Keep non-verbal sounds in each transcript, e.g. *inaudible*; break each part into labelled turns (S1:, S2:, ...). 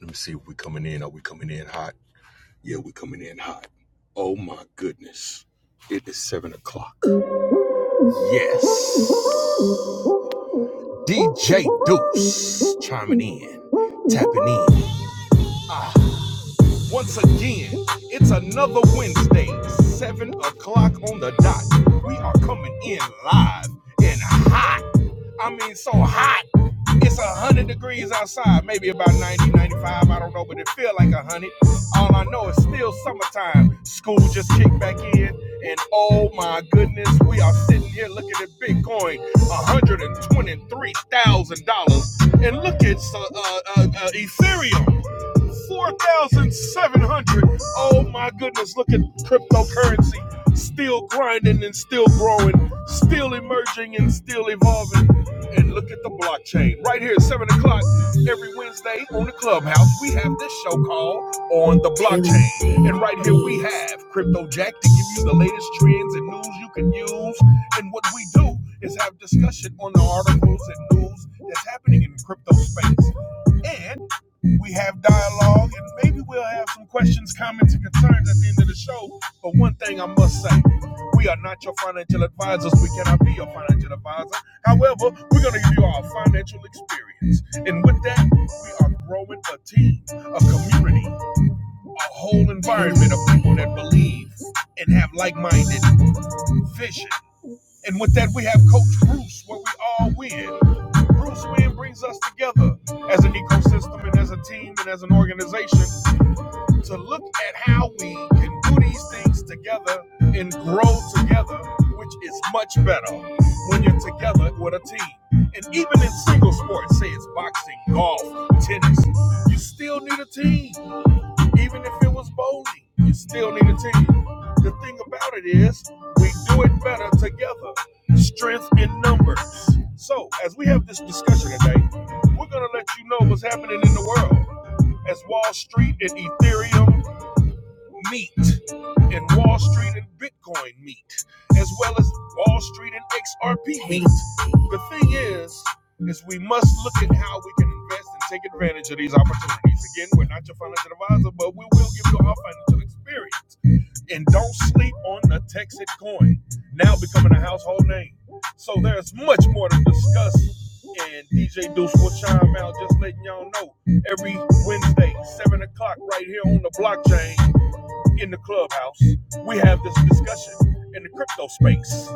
S1: Let me see if we coming in. Are we coming in hot? Yeah, we coming in hot. Oh my goodness. It is seven o'clock. Yes. DJ Deuce chiming in, tapping in. Ah, once again, it's another Wednesday, seven o'clock on the dot. We are coming in live and hot. I mean, so hot. It's a 100 degrees outside, maybe about 90, 95. I don't know, but it feel like a 100. All I know is still summertime. School just kicked back in, and oh my goodness, we are sitting here looking at Bitcoin, $123,000. And look at uh, uh, uh, uh, Ethereum. 4,700. Oh my goodness, look at cryptocurrency still grinding and still growing, still emerging and still evolving and look at the blockchain. Right here at 7 o'clock every Wednesday on the Clubhouse, we have this show called On the Blockchain. And right here we have Crypto Jack to give you the latest trends and news you can use. And what we do is have discussion on the articles and news that's happening in the crypto space. And we have dialogue and maybe we'll have some questions, comments, and concerns at the end of the show. But one thing I must say, we are not your financial advisors. We cannot be your financial advisor. However, we're going to give you our financial experience. And with that, we are growing a team, a community, a whole environment of people that believe and have like minded vision. And with that, we have Coach Bruce, where we all win. Bruce Win brings us together as an ecosystem and as a team and as an organization to look at how we can do these things together and grow together, which is much better when you're together with a team. And even in single sports, say it's boxing, golf, tennis, you still need a team. Even if it was bowling, you still need a team. The thing about it is, we do it better together. Strength in numbers. So, as we have this discussion today, we're going to let you know what's happening in the world as Wall Street and Ethereum meet and Wall Street and Bitcoin meet, as well as Wall Street and XRP meet. The thing is, is we must look at how we can invest and take advantage of these opportunities. Again, we're not your financial advisor, but we will give you our financial experience. And don't sleep on the Texas coin, now becoming a household name. So there's much more to discuss. And DJ Deuce will chime out, just letting y'all know every Wednesday, 7 o'clock, right here on the blockchain in the clubhouse, we have this discussion in the crypto space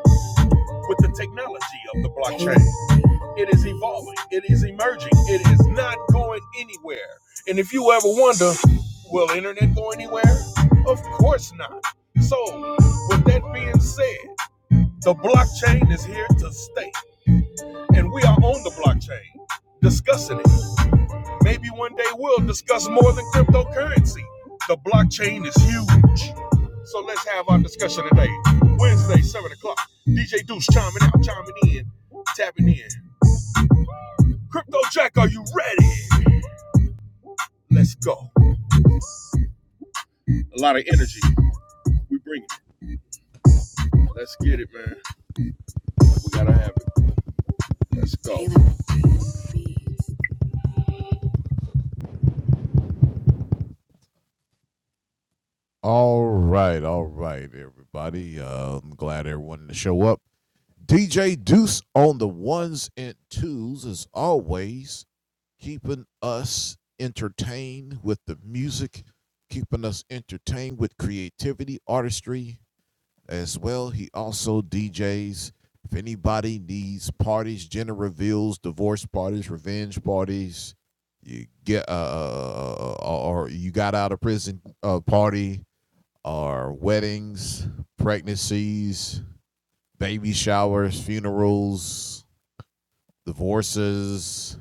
S1: with the technology of the blockchain. It is evolving, it is emerging, it is not going anywhere. And if you ever wonder, will internet go anywhere? Of course not. So, with that being said, the blockchain is here to stay, and we are on the blockchain discussing it Maybe one day we'll discuss more than cryptocurrency. The blockchain is huge. So let's have our discussion today. Wednesday, 7 o'clock. DJ Deuce chiming out, chiming in, tapping in. Crypto Jack, are you ready? Let's go. A lot of energy. We bring it. Let's get it, man. We gotta have it. Let's go.
S2: All right, all right, everybody. Uh, I'm glad everyone to show up. DJ Deuce on the ones and twos as always, keeping us entertained with the music, keeping us entertained with creativity, artistry as well. He also DJs. If anybody needs parties, gender reveals, divorce parties, revenge parties, you get uh, or or you got out of prison uh, party are weddings, pregnancies, baby showers, funerals, divorces,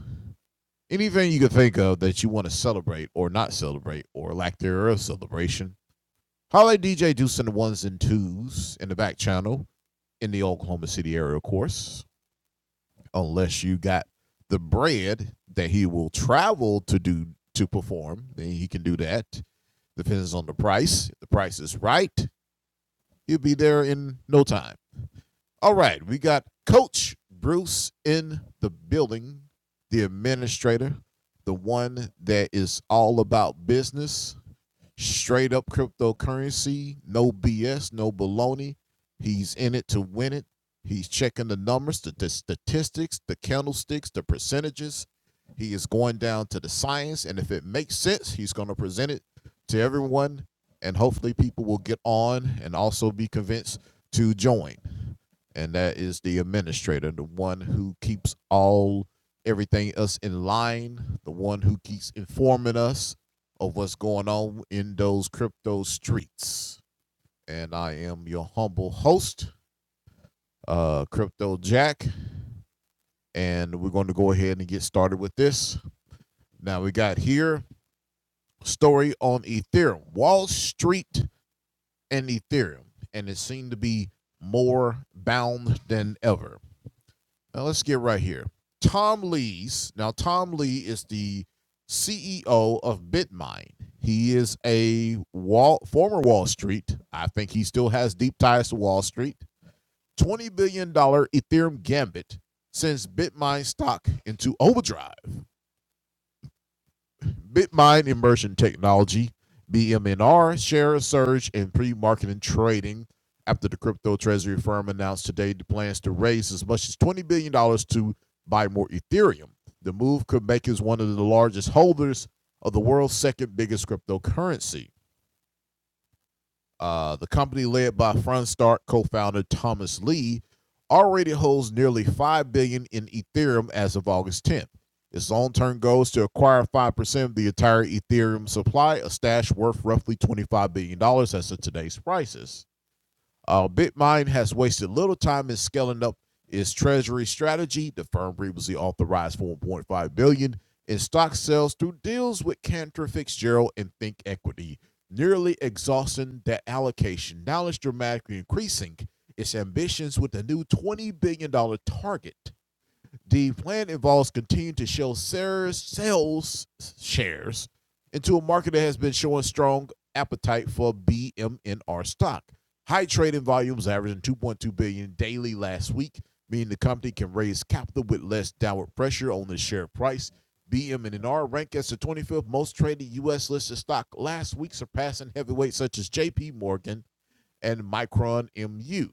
S2: anything you could think of that you want to celebrate or not celebrate or lack thereof celebration. Holla at DJ Deuce and the ones and twos in the back channel in the Oklahoma City area, of course, unless you got the bread that he will travel to do to perform, then he can do that. Depends on the price. If the price is right, he'll be there in no time. All right, we got Coach Bruce in the building, the administrator, the one that is all about business, straight up cryptocurrency, no BS, no baloney. He's in it to win it. He's checking the numbers, the, the statistics, the candlesticks, the percentages. He is going down to the science, and if it makes sense, he's going to present it to everyone, and hopefully, people will get on and also be convinced to join and that is the administrator, the one who keeps all everything else in line, the one who keeps informing us of what's going on in those crypto streets. And I am your humble host, uh, Crypto Jack, and we're going to go ahead and get started with this. Now we got here story on Ethereum, Wall Street, and Ethereum, and it seemed to be more bound than ever. Now let's get right here. Tom Lees. Now Tom Lee is the CEO of Bitmine. He is a wall, former Wall Street. I think he still has deep ties to Wall Street. $20 billion dollars Ethereum gambit sends Bitmine stock into overdrive. BitMine Immersion Technology, BMNR, share surge in pre marketing trading after the crypto treasury firm announced today the plans to raise as much as $20 billion dollars to buy more Ethereum. The move could make it one of the largest holders of the world's second biggest cryptocurrency. Uh, the company led by Frontstart co-founder Thomas Lee already holds nearly 5 billion dollars in Ethereum as of August 10th. Its long-term goal is to acquire 5% of the entire Ethereum supply, a stash worth roughly $25 billion dollars as of today's prices. Uh, BitMine has wasted little time in scaling up its treasury strategy. The firm previously authorized 1.5 billion dollars in stock sales through deals with Cantor Fitzgerald and Think Equity, nearly exhausting that allocation. Now it's dramatically increasing its ambitions with a new $20 billion dollars target the plan involves continuing to show shares, sales shares into a market that has been showing strong appetite for BMNR stock. High trading volumes averaging 2.2 billion dollars daily last week, meaning the company can raise capital with less downward pressure on the share price. BMNR ranked as the 25th most traded U.S. listed stock last week, surpassing heavyweights such as J.P. Morgan and Micron MU.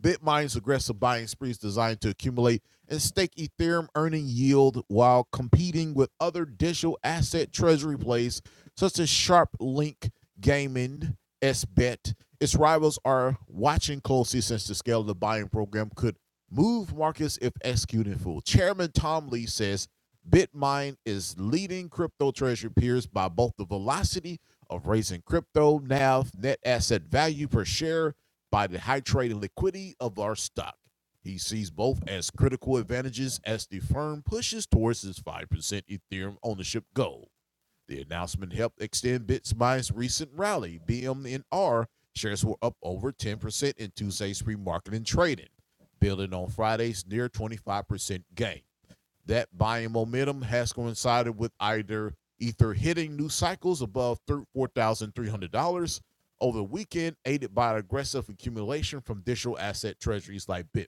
S2: BitMine's aggressive buying spree is designed to accumulate and stake Ethereum earning yield while competing with other digital asset treasury plays such as SharpLink Gaming, SBET. Its rivals are watching closely since the scale of the buying program could move markets if executed in full. Chairman Tom Lee says BitMine is leading crypto treasury peers by both the velocity of raising crypto NAV net asset value per share by the high trading liquidity of our stock. He sees both as critical advantages as the firm pushes towards its 5% Ethereum ownership goal. The announcement helped extend BitSmine's recent rally. BMNR shares were up over 10% in Tuesday's pre market and trading, building on Friday's near 25% gain. That buying momentum has coincided with either Ether hitting new cycles above $4,300 over the weekend, aided by aggressive accumulation from digital asset treasuries like Bitmine.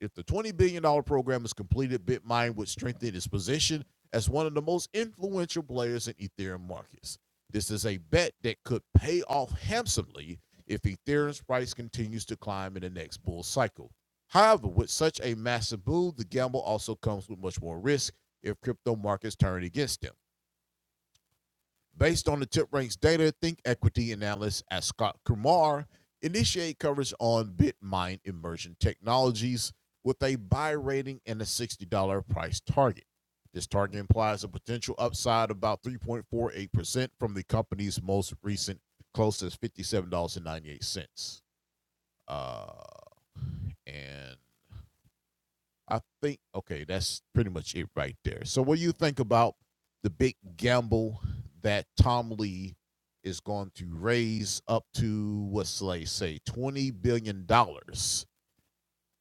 S2: If the $20 billion dollars program is completed, Bitmine would strengthen its position as one of the most influential players in Ethereum markets. This is a bet that could pay off handsomely if Ethereum's price continues to climb in the next bull cycle. However, with such a massive boom, the gamble also comes with much more risk if crypto markets turn against them. Based on the TipRanks data, Think Equity analyst at Scott Kumar initiate coverage on BitMine Immersion Technologies with a buy rating and a $60 price target. This target implies a potential upside about 3.48% from the company's most recent close as $57.98. Uh, and I think okay, that's pretty much it right there. So what do you think about the big gamble that Tom Lee is going to raise up to what's like say twenty billion dollars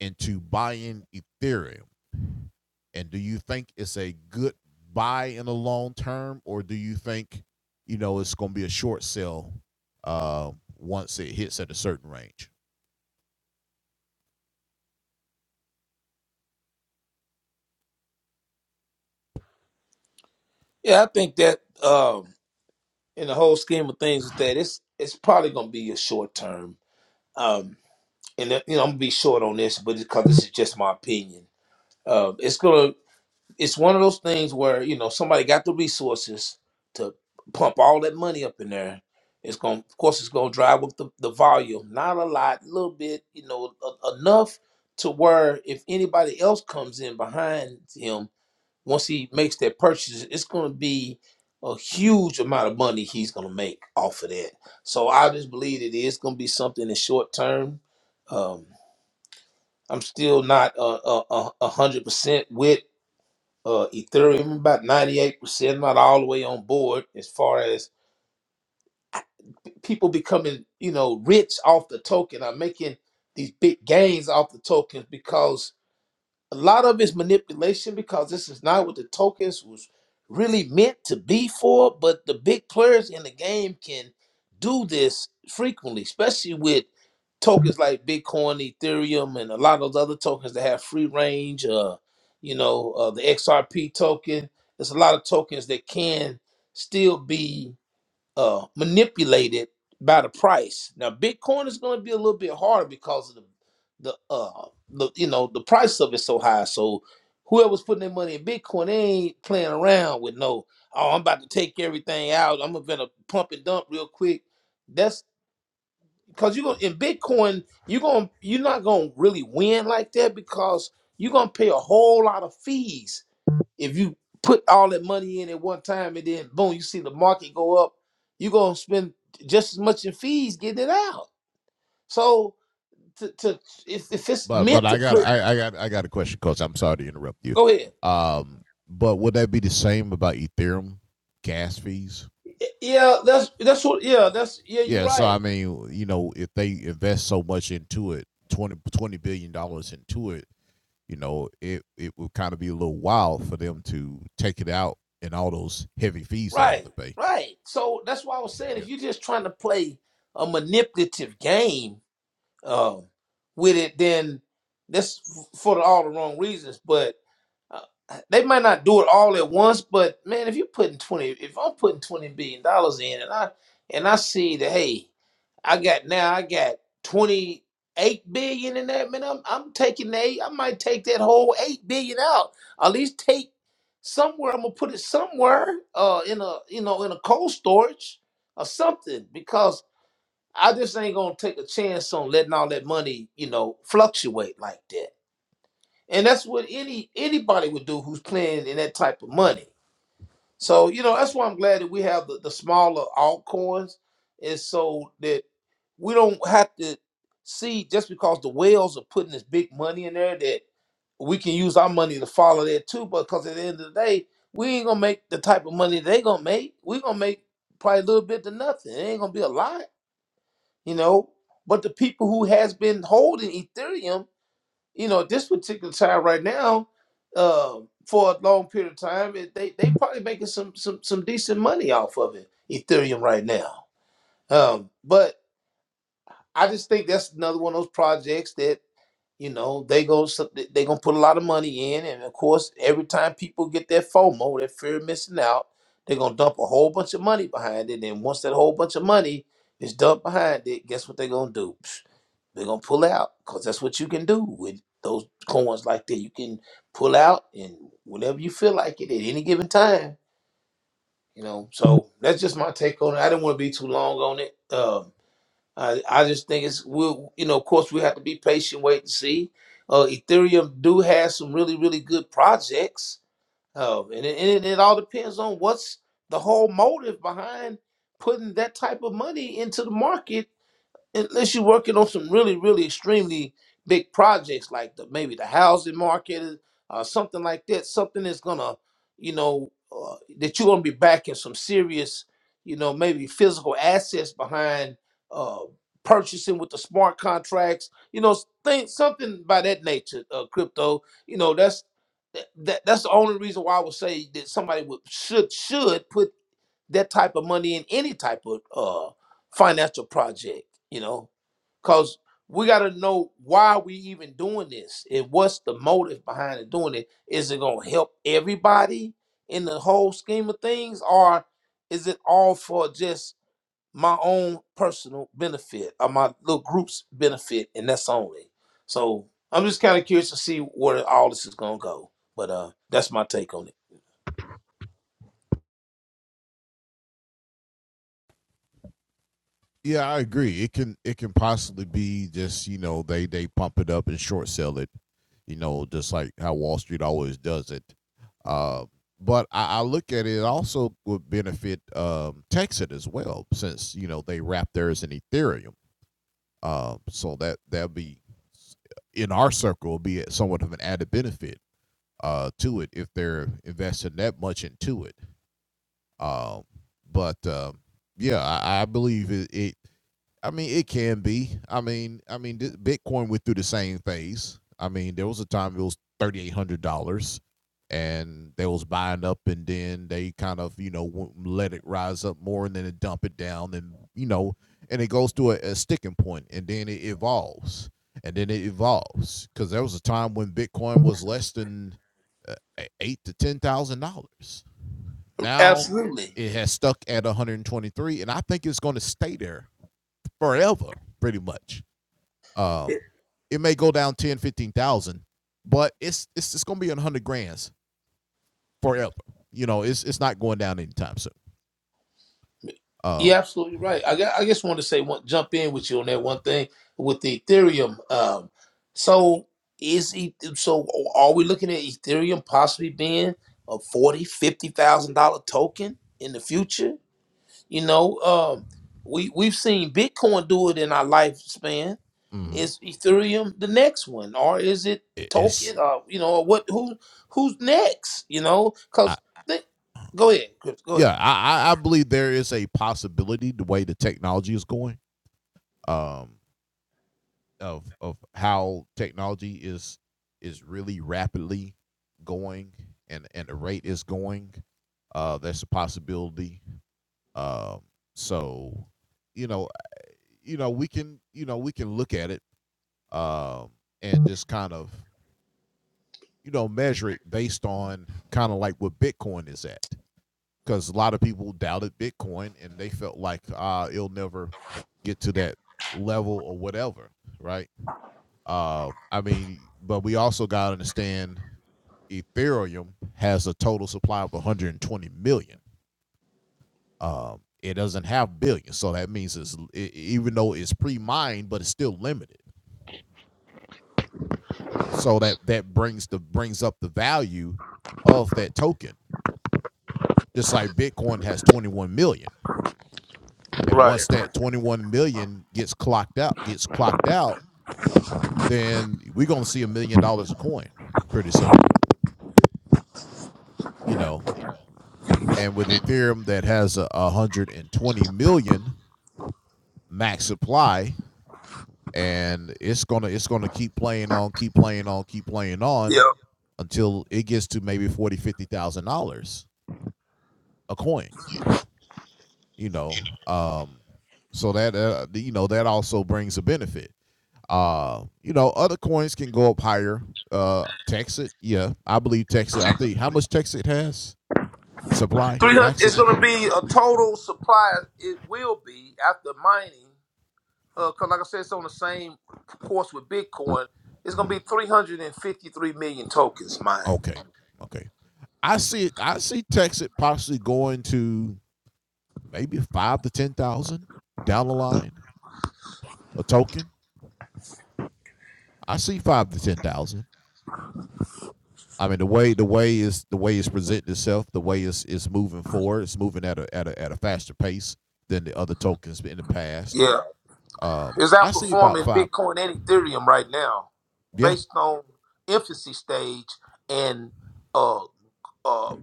S2: into buying Ethereum? And do you think it's a good buy in the long term, or do you think you know it's going to be a short sell uh, once it hits at a certain range?
S3: Yeah, I think that um, in the whole scheme of things, is that it's it's probably going to be a short term. Um, and uh, you know, I'm gonna be short on this, but because this is just my opinion, um, it's gonna it's one of those things where you know somebody got the resources to pump all that money up in there. It's gonna, of course, it's gonna drive up the, the volume. Not a lot, a little bit, you know, e- enough to where if anybody else comes in behind him once he makes that purchase, it's going to be a huge amount of money he's going to make off of that. So I just believe that it's going to be something in the short term. Um, I'm still not uh, uh, uh, a hundred percent with uh, Ethereum, about ninety eight percent, not all the way on board as far as people becoming you know rich off the token. I'm making these big gains off the tokens because a lot of it's manipulation because this is not what the tokens was really meant to be for. But the big players in the game can do this frequently, especially with tokens like Bitcoin, Ethereum, and a lot of those other tokens that have free range. Uh, you know, uh, the XRP token. There's a lot of tokens that can still be uh, manipulated by the price. Now, Bitcoin is going to be a little bit harder because of the the uh the you know the price of it so high. So whoever's putting their money in Bitcoin, they ain't playing around with no. Oh, I'm about to take everything out. I'm gonna pump and dump real quick. That's because you're gonna in Bitcoin. You're gonna you're not gonna really win like that because you're gonna pay a whole lot of fees if you put all that money in at one time and then boom, you see the market go up, you're gonna spend just as much in fees getting it out. So to, to if, if it's
S2: But but
S3: meant
S2: I
S3: to
S2: got
S3: play,
S2: I, I got I got a question, Coach. I'm sorry to interrupt you.
S3: go ahead.
S2: Um, but would that be the same about Ethereum gas fees?
S3: Yeah, that's that's what. Yeah, that's yeah. You're
S2: Yeah. So I
S3: right.
S2: mean, you know, if they invest so much into it, 20, 20 billion dollars into it, you know, it it would kind of be a little wild for them to take it out and all those heavy fees they have
S3: Right.
S2: to pay.
S3: Right. So that's why I was saying
S2: Yeah.
S3: if you're just trying to play a manipulative game um, with it, then that's f- for all the wrong reasons. But Uh, they might not do it all at once, but man, if you're putting twenty, if I'm putting twenty billion dollars in, and I and I see that, hey, I got now I got twenty eight billion in that, man, I'm I'm taking the eight. I might take that whole eight billion out. At least take somewhere. I'm gonna put it somewhere, uh, in a you know in a cold storage or something, because I just ain't gonna take a chance on letting all that money, you know, fluctuate like that and that's what any anybody would do who's playing in that type of money. So you know that's why I'm glad that we have the, the smaller altcoins, and so that we don't have to see just because the whales are putting this big money in there that we can use our money to follow that too. Because at the end of the day, we ain't gonna make the type of money they gonna make. We gonna make probably a little bit to nothing. It ain't gonna be a lot, you know. But the people who has been holding Ethereum you know, at this particular time right now, uh, for a long period of time, it, they they probably making some some some decent money off of it, Ethereum right now. Um, but I just think that's another one of those projects that you know, they go so- they gonna put a lot of money in, and of course, every time people get their FOMO, their fear of missing out, they're gonna dump a whole bunch of money behind it. And once that whole bunch of money is dumped behind it, guess what they're gonna do? Psh, They're gonna pull out, cause that's what you can do with those coins like that. You can pull out and whenever you feel like it at any given time. You know, so that's just my take on it. I didn't want to be too long on it. Um, I, I just think it's we you know of course we have to be patient, wait and see. Uh, Ethereum do have some really really good projects, uh, and, it, and it it all depends on what's the whole motive behind putting that type of money into the market unless you're working on some really, really extremely big projects like the maybe the housing market or something like that, something that's gonna, you know, uh, that you're gonna be backing some serious, you know, maybe physical assets behind uh, purchasing with the smart contracts, you know, think something by that nature. Uh, crypto, you know, that's that, that that's the only reason why I would say that somebody would should should put that type of money in any type of uh, financial project, you know Cause we gotta know why we even doing this and what's the motive behind it doing it. Is it gonna help everybody in the whole scheme of things, or is it all for just my own personal benefit or my little group's benefit, and that's only. So I'm just kind of curious to see where all this is gonna go. But uh that's my take on it.
S2: Yeah, I agree. It can it can possibly be just you know they they pump it up and short sell it, you know, just like how Wall Street always does it. Uh, but I, I look at it it also would benefit um, Texas as well, since you know they wrap theirs in Ethereum. Um, so that that'll be in our circle be somewhat of an added benefit uh, to it if they're investing that much into it. Um, but um, yeah, I, I believe it, it. I mean, it can be. I mean, I mean, th- Bitcoin went through the same phase. I mean, there was a time it was thirty eight hundred dollars, and they was buying up, and then they kind of you know would let it rise up more, and then it dump it down, and you know, and it goes to a, a sticking point, and then it evolves, and then it evolves because there was a time when Bitcoin was less than uh, e- eight to ten thousand dollars. Now
S3: Absolutely.
S2: it has stuck at one hundred and twenty three, and I think it's going to stay there forever, pretty much. Um, it may go down 10, 15,000, but it's it's it's gonna be in hundred grands forever. You know, it's it's not going down anytime soon.
S3: You're
S2: Um,
S3: absolutely right. I, gu- I just want to say one, jump in with you on that one thing with the Ethereum. Um, so is E- so are we looking at Ethereum possibly being a forty, fifty thousand dollar token in the future? You know, um, we we've seen Bitcoin do it in our lifespan.
S2: mhm.
S3: Is Ethereum the next one, or is it
S2: It- it's
S3: token? Uh, you know, or what? Who who's next? You know,
S2: I,
S3: because go ahead, Chris, go ahead.
S2: yeah, I I- I believe there is a possibility the way the technology is going, um, of of how technology is is really rapidly going and and the rate is going. Uh, that's a possibility. Um, uh, so you know, you know, we can, you know, we can look at it um, and just kind of, you know, measure it based on kind of like what Bitcoin is at. Because a lot of people doubted Bitcoin and they felt like uh, it'll never get to that level or whatever, right? Uh, I mean, but we also got to understand Ethereum has a total supply of 120 million. Um, it doesn't have billions, so that means it's it, even though it's pre-mined, but it's still limited. So that that brings the brings up the value of that token. Just like Bitcoin has 21 million. And once
S3: Right.
S2: that 21 million gets clocked out, gets clocked out, then we're gonna see a million dollars a coin pretty soon. You know, and with Ethereum that has a, a hundred and twenty million max supply, and it's gonna it's gonna keep playing on, keep playing on, keep playing on until it gets to maybe forty, fifty thousand dollars a coin you know um so that uh, you know that also brings a benefit uh you know other coins can go up higher uh texit yeah i believe texit i think how much texit has supply
S3: 300 it's
S2: maximum
S3: going to be a total supply it will be after mining because like i said it's on the same course with bitcoin it's going to
S2: Mhm.
S3: be 353 million tokens mined
S2: okay okay i see it i see texit possibly going to maybe five to ten thousand down the line a token i see five to ten thousand I mean the way the way is the way it's presenting itself, the way it's it's moving forward, it's moving at a at a at a faster pace than the other tokens in the past.
S3: yeah
S2: Um,
S3: it's
S2: I see about
S3: outperforming
S2: five.
S3: bitcoin and ethereum right now
S2: Yeah,
S3: based on infancy stage and uh uh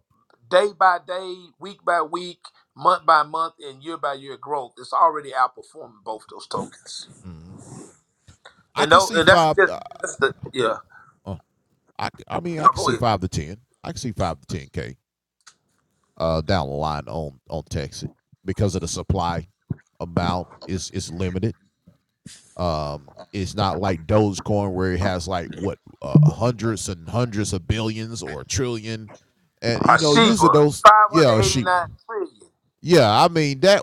S3: day by day week by week month by month and year by year growth it's already outperforming both those tokens
S2: mhm. I
S3: and,
S2: can
S3: no,
S2: see
S3: and that's
S2: five.
S3: just
S2: Uh,
S3: that's the yeah
S2: uh, I c- I mean I
S3: no,
S2: can
S3: go
S2: see
S3: ahead
S2: five to ten. I can see five to ten k uh down the line on on Texas because of the supply amount is is limited Um, it's not like Dogecoin where it has like what uh, hundreds and hundreds of billions or a trillion, and you know using
S3: Sheba,
S2: those yeah sheep
S3: 589 trillion.
S2: yeah I mean that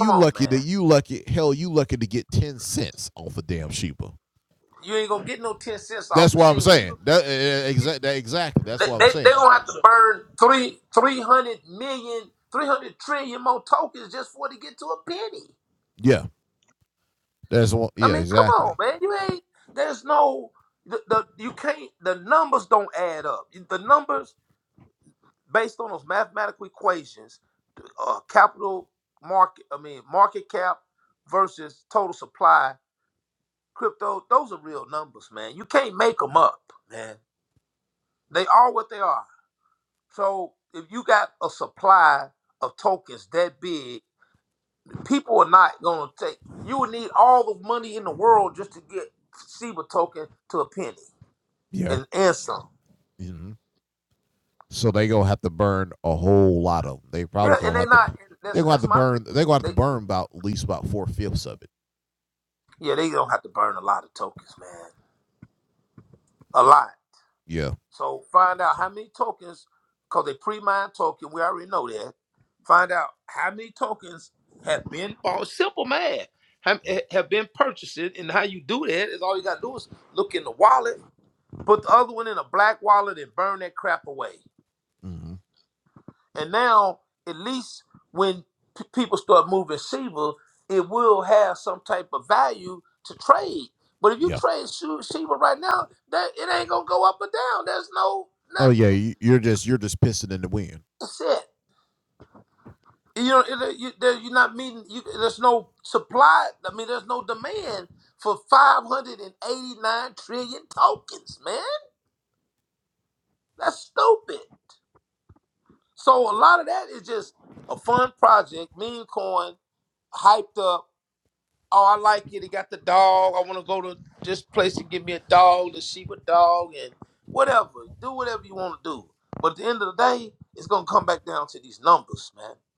S3: Come on,
S2: lucky that
S3: man.
S2: you lucky hell you lucky to get ten cents off a damn sheepa.
S3: You ain't gonna get no 10 cents
S2: That's
S3: off of
S2: what I'm
S3: Sheba.
S2: saying.
S3: You,
S2: That, exactly. That, exactly. That's
S3: they,
S2: what I'm
S3: they, they
S2: saying. I-
S3: gonna have to burn three, three hundred million, three hundred trillion more tokens just for it to get to a penny.
S2: yeah. That's one.
S3: I
S2: Yeah.
S3: mean, come
S2: Exactly.
S3: on, man. You ain't, there's no, the, the you can't, the numbers don't add up. The numbers based on those mathematical equations, uh, capital market, I mean, market cap versus total supply Crypto, those are real numbers, man. You can't make them up, man. They are what they are. So if you got a supply of tokens that big, people are not gonna take. You would need all the money in the world just to get SIBA token to a penny
S2: Yeah.
S3: and and some.
S2: hmm So they gonna have to burn a whole lot of them. They probably
S3: Yeah, and
S2: gonna
S3: they
S2: have to.
S3: not. and
S2: They're
S3: That's
S2: gonna have
S3: that's
S2: to
S3: my thing.
S2: burn. They're gonna have to
S3: They
S2: burn about at least about four fifths of it.
S3: yeah, they don't have to burn a lot of tokens, man. A lot.
S2: Yeah.
S3: So find out how many tokens, because they pre-mined token, we already know that. Find out how many tokens have been bought. Simple math. Have eh, have been purchased, and how you do that is all you gotta do is look in the wallet, put the other one in a black wallet, and burn that crap away.
S2: Mm-hmm.
S3: And now, at least when p- people start moving Shiba, it will have some type of value to trade. But if you
S2: Yeah.
S3: trade Shi- Shiba right now, that it ain't gonna go up or down. There's no
S2: Oh yeah,
S3: nothing
S2: you- are just you're just pissing in the wind.
S3: set. You know, it, you, there, you're not meeting. You, there's no supply. I mean, there's no demand for 589 trillion tokens, man. That's stupid. So a lot of that is just a fun project. Meme coin hyped up. Oh, I like it. It got the dog. I want to go to this place and get me a dog, the sheep a dog, and whatever. Do whatever you want to do. But at the end of the day, it's gonna come back down to these numbers, man.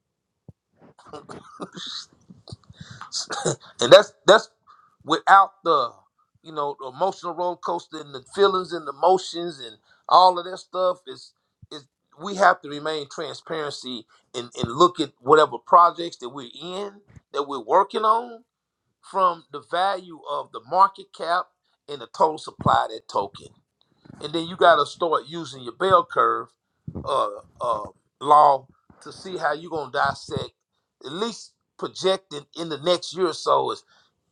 S3: *laughs* *laughs* and that's that's without the you know the emotional roller coaster and the feelings and the emotions and all of that stuff is is we have to remain transparency and and look at whatever projects that we're in that we're working on from the value of the market cap and the total supply of that token and then you got to start using your bell curve uh, uh, law to see how you're gonna dissect at least projecting in the next year or so is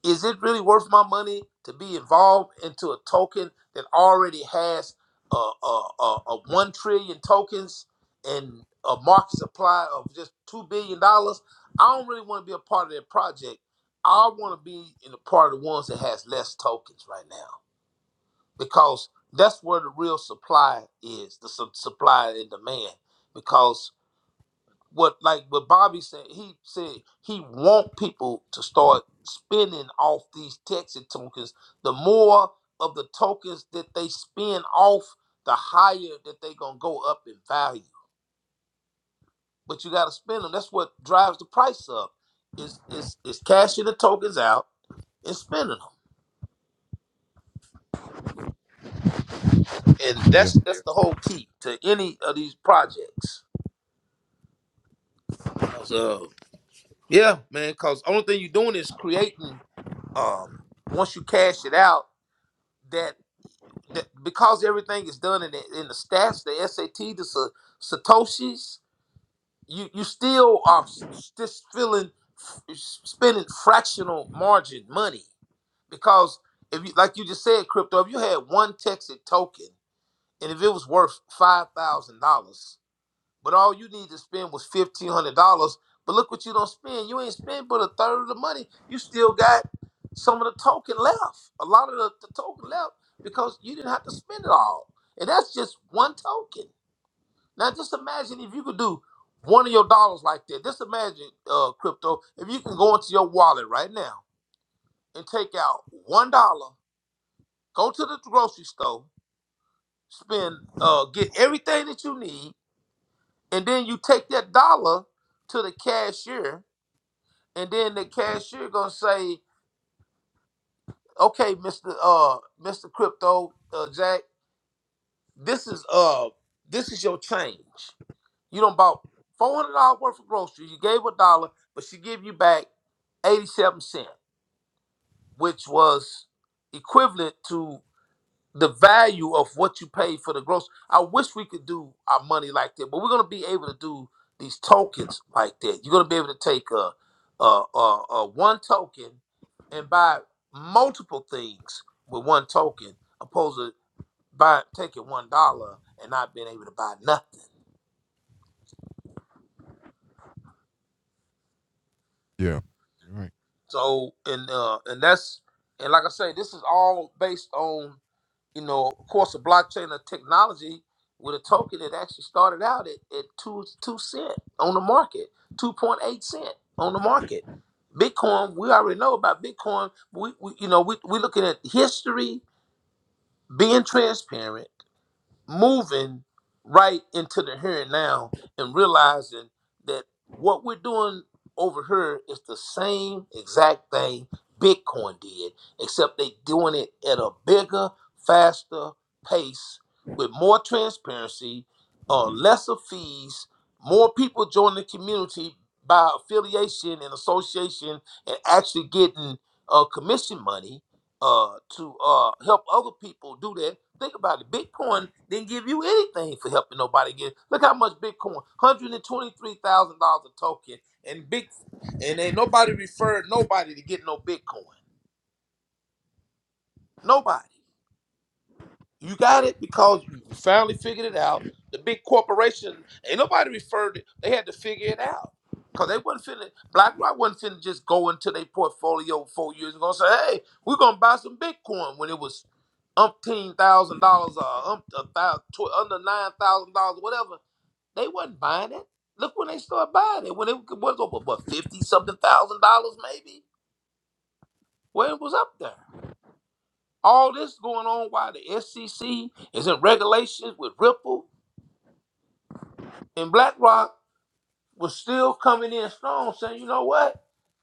S3: is it really worth my money to be involved into a token that already has a uh, uh, uh, uh, one trillion tokens and a market supply of just two billion dollars i don't really want to be a part of that project i want to be in the part of the ones that has less tokens right now because that's where the real supply is the su- supply and demand because what like what bobby said he said he want people to start spending off these texas tokens the more of the tokens that they spend off the higher that they gonna go up in value but you gotta spend them that's what drives the price up is is is cashing the tokens out and spending them and
S2: Yeah.
S3: that's that's the whole key to any of these projects Yeah, man, because only thing you're doing is creating. Um, once you cash it out, that, that because everything is done in the, in the stats, the SAT, the sa- satoshis, you you still are s- just feeling spending fractional margin money because if you like you just said crypto, if you had one Texas token and if it was worth five thousand dollars. But all you need to spend was fifteen hundred dollars. But look what you don't spend. You ain't spend but a third of the money. You still got some of the token left. A lot of the, the token left because you didn't have to spend it all. And that's just one token. Now just imagine if you could do one of your dollars like that. Just imagine, uh, crypto, if you can go into your wallet right now and take out one dollar, go to the grocery store, spend, uh, get everything that you need, and then you take that dollar to the cashier, and then the cashier gonna say, "Okay, Mister uh Mister Crypto uh, Jack, this is uh this is your change. You don't bought four hundred dollars worth of groceries. You gave a dollar, but she give you back eighty seven cent, which was equivalent to." the value of what you pay for the gross. I wish we could do our money like that, but we're gonna be able to do these tokens like that. You're gonna be able to take a a, a, a one token and buy multiple things with one token, opposed to buy taking one dollar and not being able to buy nothing.
S2: yeah. Right.
S3: So and uh and that's and like I say, this is all based on you know, of course, the blockchain of technology with a token, it actually started out at, at two two cent on the market, two point eight cent on the market. Bitcoin, we already know about Bitcoin. We, we you know, we we looking at history being transparent moving right into the here and now and realizing that what we're doing over here is the same exact thing Bitcoin did, except they doing it at a bigger, faster pace with more transparency, uh, lesser fees, more people join the community by affiliation and association and actually getting uh, commission money uh, to uh, help other people do that. Think about it. Bitcoin didn't give you anything for helping nobody get. Look how much Bitcoin, hundred and twenty-three thousand dollars a token, and big, and ain't nobody referred nobody to get no Bitcoin. Nobody. You got it because you finally figured it out. The big corporation ain't nobody referred it. They had to figure it out because they wasn't finna. BlackRock wasn't finna just go into their portfolio four years ago and say, "Hey, we're gonna buy some Bitcoin" when it was umpteen thousand dollars or um, a thou- tw- under nine thousand dollars, whatever. They wasn't buying it. Look when they started buying it when it was over what fifty something thousand dollars maybe. Well, it was up there. All this going on while the SEC is in regulations with Ripple and BlackRock was still coming in strong, saying, you know what?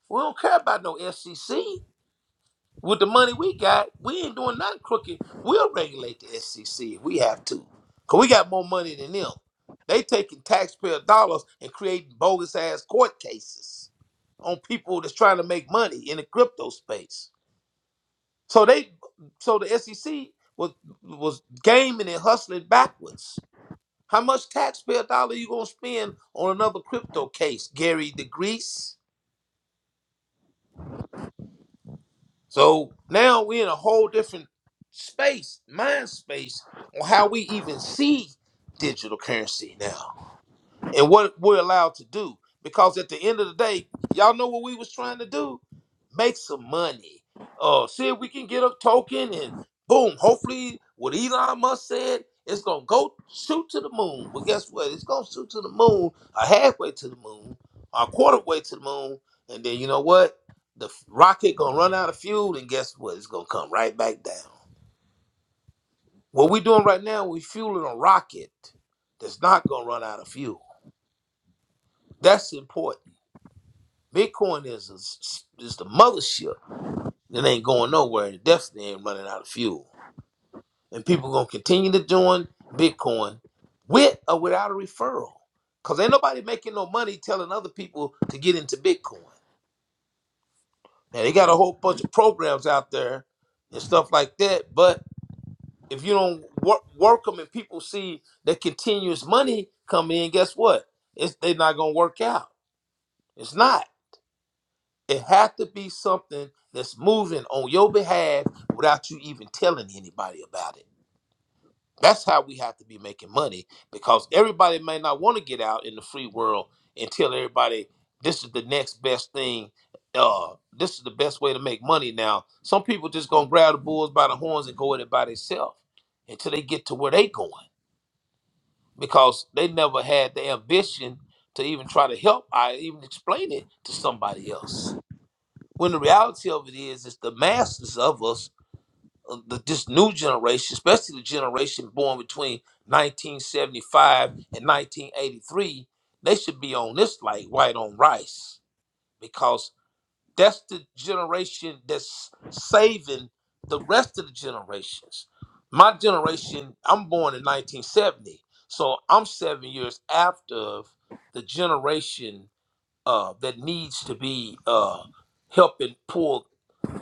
S3: We don't care about no SEC. With the money we got, we ain't doing nothing crooked. We'll regulate the SEC if we have to. Cause we got more money than them. They taking taxpayer dollars and creating bogus ass court cases on people that's trying to make money in the crypto space. So they, so the SEC was was gaming and hustling backwards. How much taxpayer dollar you gonna spend on another crypto case, Gary DeGrease? So now we're in a whole different space, mind space, on how we even see digital currency now. and what we're allowed to do. Because at the end of the day, y'all know what we was trying to do? Make some money. Uh, see if we can get a token and boom, hopefully what Elon Musk said, it's gonna go shoot to the moon. Well, guess what? It's gonna shoot to the moon, a halfway to the moon, a quarter way to the moon, and then you know what? The f- rocket gonna run out of fuel, and guess what? It's gonna come right back down. What we're doing right now, we're fueling a rocket that's not gonna run out of fuel. That's important. Bitcoin is is, is the mothership. It ain't going nowhere. and It definitely ain't running out of fuel. And people gonna continue to join Bitcoin with or without a referral. Cause ain't nobody making no money telling other people to get into Bitcoin. Now they got a whole bunch of programs out there and stuff like that. But if you don't work, work them and people see that continuous money coming, in, guess what? It's they're not gonna work out. It's not. It had to be something that's moving on your behalf without you even telling anybody about it. That's how we have to be making money because everybody may not want to get out in the free world and tell everybody this is the next best thing. Uh, this is the best way to make money now. Some people just gonna grab the bulls by the horns and go at it by themselves until they get to where they going because they never had the ambition to even try to help I even explain it to somebody else when the reality of it is, is the masses of us, uh, the, this new generation, especially the generation born between 1975 and 1983, they should be on this like white on rice because that's the generation that's saving the rest of the generations. My generation, I'm born in 1970, so I'm seven years after the generation uh, that needs to be uh, helping pull,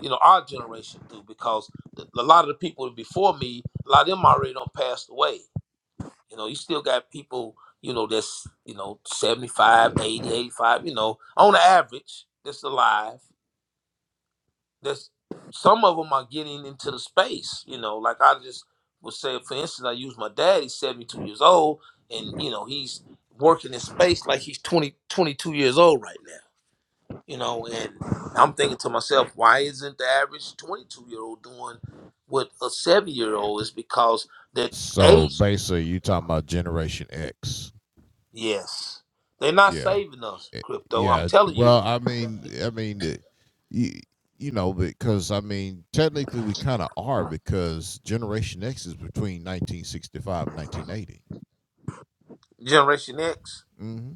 S3: you know, our generation through because th- a lot of the people before me, a lot of them already don't passed away. You know, you still got people, you know, that's, you know, 75, 80, 85. you know, on average, that's alive. That's some of them are getting into the space, you know, like I just would say, for instance, I use my dad, he's 72 years old and, you know, he's working in space like he's 20 22 years old right now you know, and I'm thinking to myself, why isn't the average 22 year old doing what a seven year old is? Because that
S2: So
S3: age,
S2: basically, you talking about Generation X?
S3: yes, they're not
S2: Yeah,
S3: saving us,
S2: Eh,
S3: crypto. I'm
S2: yeah.
S3: telling you,
S2: Well, I mean, I mean, eh, you, you know, because I mean, technically, we kind of are because Generation X is between 1965 and 1980.
S3: Generation X.
S2: Mm-hmm.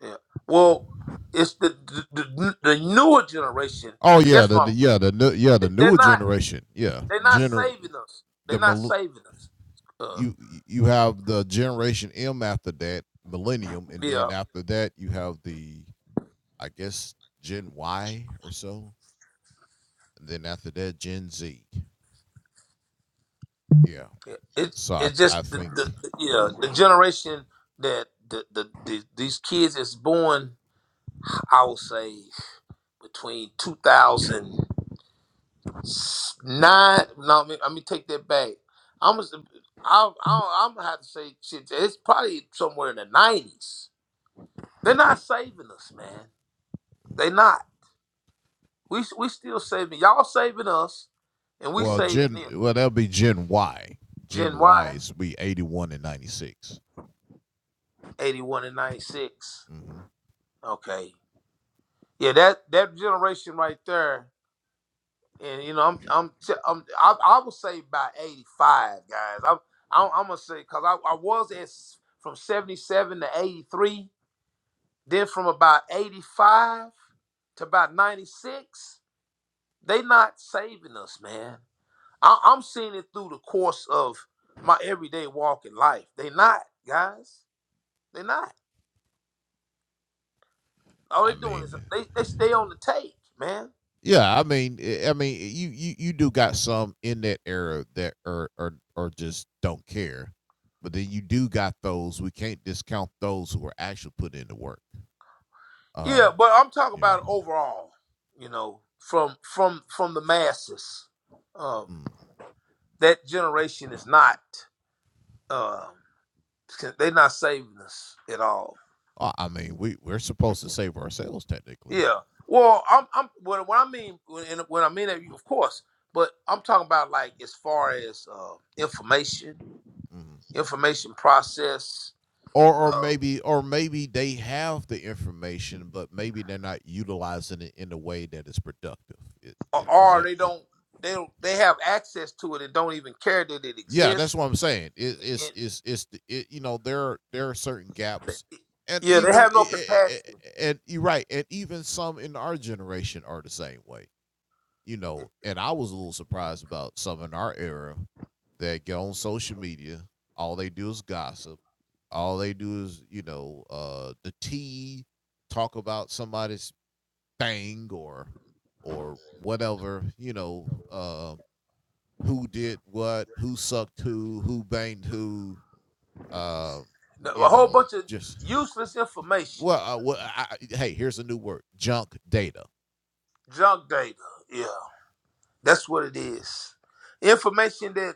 S3: Yeah. Well, it's the the, the, the newer generation.
S2: Oh
S3: I
S2: yeah,
S3: guess
S2: the,
S3: my
S2: the yeah the new- yeah the
S3: they're
S2: newer
S3: not
S2: generation. Yeah,
S3: they're not
S2: gener
S3: saving us. They're
S2: the
S3: not
S2: mil-
S3: saving us. Uh,
S2: you you have the generation M after that, millennium, and
S3: yeah.
S2: then after that you have the I guess Gen Y or so, and then after that Gen Z. Yeah.
S3: Yeah, It
S2: So I
S3: it's
S2: I
S3: just the,
S2: think
S3: the, the yeah the generation that the, the, the these kids is born I would say between 2009. No, I mean, I mean take that back. I'm just, I, I, I'm gonna have to say shit. It's probably somewhere in the 90s. They're not saving us, man. They not. We we still saving y'all saving us, and we
S2: well
S3: saving
S2: Gen
S3: them.
S2: well that'll be Gen Y. Gen
S3: Gen
S2: Y
S3: Y,
S2: is be eighty one and ninety six.
S3: 81 and 96.
S2: Mm-hmm.
S3: Okay, yeah, that that generation right there. and you know I'm I'm t- I'm I, I would say by 85 guys. I'm I'm, I'm gonna say because I, I was at s- from 77 to 83, then from about 85 to about 96. They not saving us, man. I, I'm seeing it through the course of my everyday walk in life. They not guys. They not. All
S2: I
S3: they doing is
S2: mean
S3: they they stay on the take, man.
S2: Yeah, I mean, eh, I mean, you you you do got some in that era that are are are just don't care, but then you do got those. We can't discount those who are actually putting in the work.
S3: Yeah,
S2: Um,
S3: but I'm talking
S2: you know,
S3: about overall, you know, from from from the masses. Um,
S2: mm.
S3: that generation is not um they're not saving us at all.
S2: I I mean, we we're supposed to save ourselves technically,
S3: Yeah. Well, I'm I'm what, what I mean when and when I mean that of course, but I'm talking about like as far as uh, information,
S2: Mhm.
S3: information process,
S2: or or
S3: uh,
S2: maybe or maybe they have the information, but maybe they're not utilizing it in a way that is productive. It, yeah,
S3: or,
S2: is
S3: or
S2: that?
S3: they don't they don't they have access to it and don't even care that it
S2: Yeah, that's
S3: exists.
S2: what I'm saying. It, it's
S3: And,
S2: it's it's the- it, you know there are, there are certain gaps, and
S3: yeah, they
S2: even
S3: have no
S2: i- i- i-
S3: compassion.
S2: and you're right, and even some in our generation are the same way. You know, and I was a little surprised about some in our era that get on social media. All they do is gossip. All they do is you know uh the tea, talk about somebody's thing or or whatever. You know, uh, who did what, who sucked who, who banged who. Uh,
S3: A
S2: you
S3: whole
S2: know,
S3: bunch of
S2: just
S3: useless information,
S2: well, uh, well I, hey, here's a new word: junk data.
S3: junk data. Yeah, that's what it is. Information that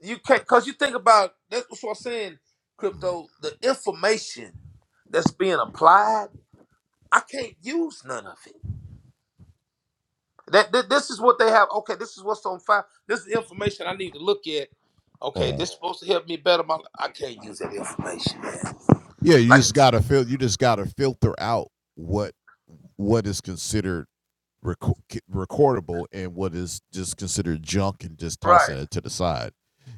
S3: you can't, cause you think about. That's what I'm saying.
S2: Mhm.
S3: Crypto, the information that's being applied, I can't use none of it. That, that this is what they have. Okay, this is what's on file. This is information I need to look at. Okay,
S2: Uh-huh.
S3: this is supposed to help me better my. I can't use that information, man.
S2: Yeah, you
S3: Like,
S2: just gotta fil- you just gotta filter out what what is considered reco- recordable and what is just considered junk and just tossing
S3: right,
S2: it to the side,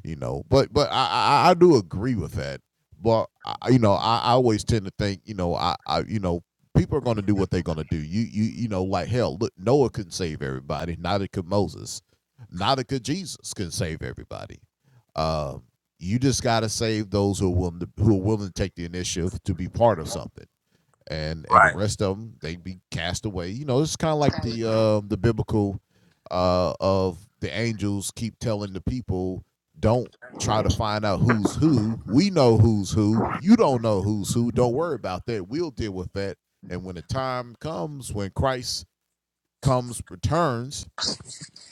S2: you know. But but I I, I do agree with that. But I- you know I, I always tend to think you know I, I you know people are going to do what they're going to do. You you you know like hell look Noah couldn't save everybody. Neither could Moses. Neither could Jesus could save everybody. Um, you just got to save those who are willing to, who are willing to take the initiative to be part of something and and the
S3: right.
S2: rest of them they be cast away. You know, it's kind of like the uh, the biblical uh, of the angels keep telling the people, don't try to find out who's who. We know who's who. You don't know who's who. Don't worry about that. We'll deal with that. And when the time comes, when Christ comes, returns,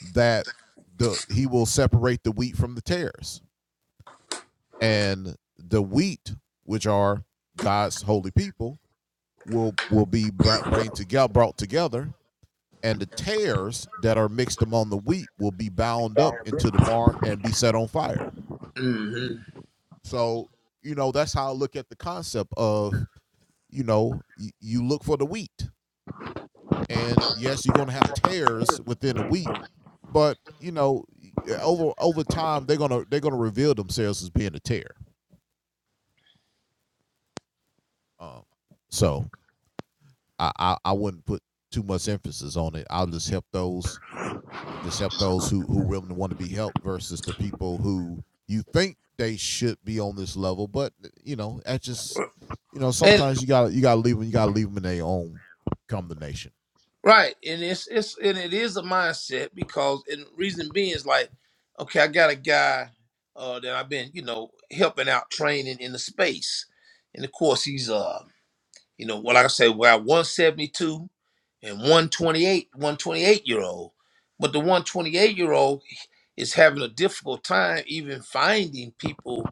S2: that the he will separate the wheat from the tares, and the wheat, which are God's holy people, will will be brought together brought together and the tares that are mixed among the wheat will be bound up into the barn and be set on fire
S3: hmm
S2: so you know that's how i look at the concept of you know y- you look for the wheat and yes you're going to have tares within the wheat but you know over over time they're going to they're going to reveal themselves as being a tear um, so I, I i wouldn't put too much emphasis on it i'll just help those and just help those who who really want to be helped versus the people who you think they should be on this level, but you know that's just you know
S3: and.
S2: sometimes you got to you got to leave them you got to leave them in their own combination.
S3: Right, and it's it's and it is a mindset because and reason being is like, okay, I got a guy uh, that I've been you know helping out training in the space, and of course he's uh you know what like I say well one seventy two and one twenty eight one twenty eight year old, but the one twenty eight year old is having a difficult time even finding people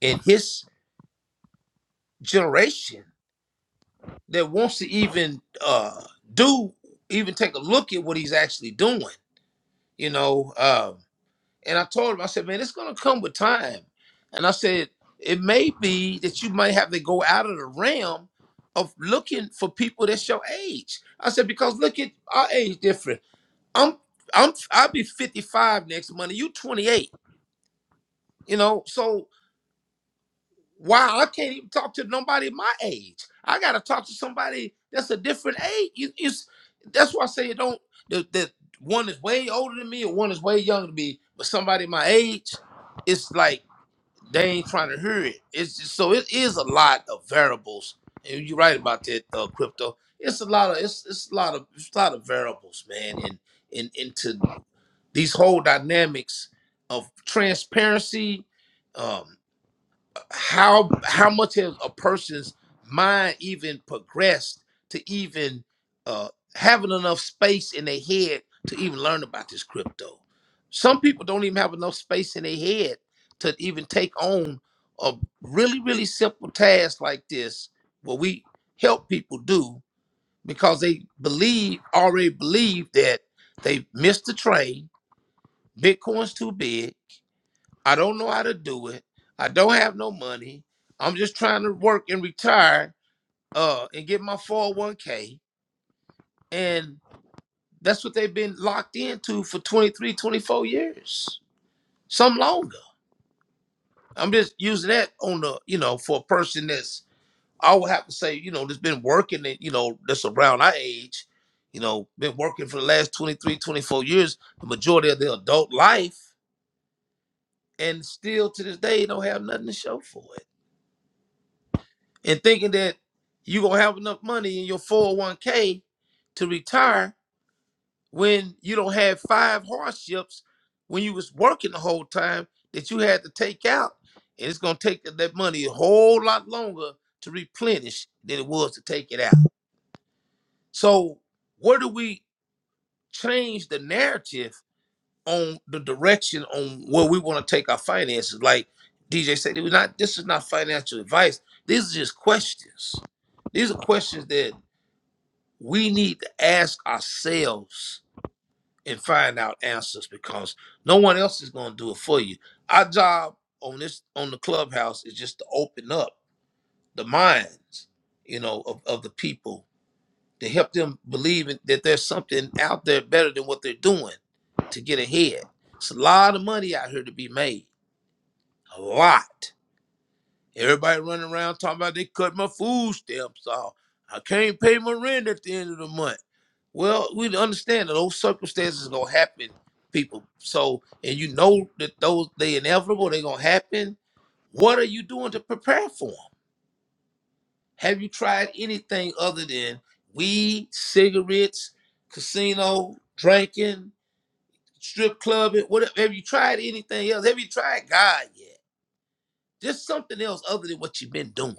S3: in his generation that wants to even uh do even take a look at what he's actually doing you know. Um, and I told him, I said, man, it's gonna come with time. And I said, it may be that you might have to go out of the realm of looking for people that's your age. I said, because look at our age different. I'm I'm I'll be 55 next month. You 28, you know. So wow, I can't even talk to nobody my age. I got to talk to somebody that's a different age. You, you, that's why I say it don't. The, the one is way older than me, and one is way younger than me. But somebody my age, it's like they ain't trying to hear it. It's just, so it is a lot of variables, and you're right about that uh, crypto. It's a lot of it's it's a lot of it's a lot of variables, man, and and into these whole dynamics of transparency. um, how how much has a person's mind even progressed to even uh having enough space in their head to even learn about this crypto some people don't even have enough space in their head to even take on a really really simple task like this what we help people do because they believe already believe that they missed the train bitcoin's too big I don't know how to do it. I don't have no money. I'm just trying to work and retire uh, and get my 401k. And that's what they've been locked into for 23, 24 years, some longer. I'm just using that on the, you know, for a person that's, I would have to say, you know, that's been working and, you know, that's around our age, you know, been working for the last 23, 24 years, the majority of their adult life, and still to this day don't have nothing to show for it. and thinking that you're gonna have enough money in your 401k to retire when you don't have five hardships when you was working the whole time that you had to take out and it's gonna take that that money a whole lot longer to replenish than it was to take it out so where do we change the narrative on the direction on where we want to take our finances like dj said it was not this is not financial advice these are just questions these are questions that we need to ask ourselves and find out answers because no one else is going to do it for you. Our job on this on the clubhouse is just to open up the minds, you know, of, of the people to help them believe in- that there's something out there better than what they're doing to get ahead. It's a lot of money out here to be made. A lot. Everybody running around talking about they cut my food stamps off. I can't pay my rent at the end of the month. Well, we understand that those circumstances gonna happen, people. So, and you know that those they inevitable, they gonna happen. What are you doing to prepare for them? Have you tried anything other than weed, cigarettes, casino, drinking, strip clubbing? Whatever. have you tried anything else? Have you tried God yet? Just something else other than what you've been doing.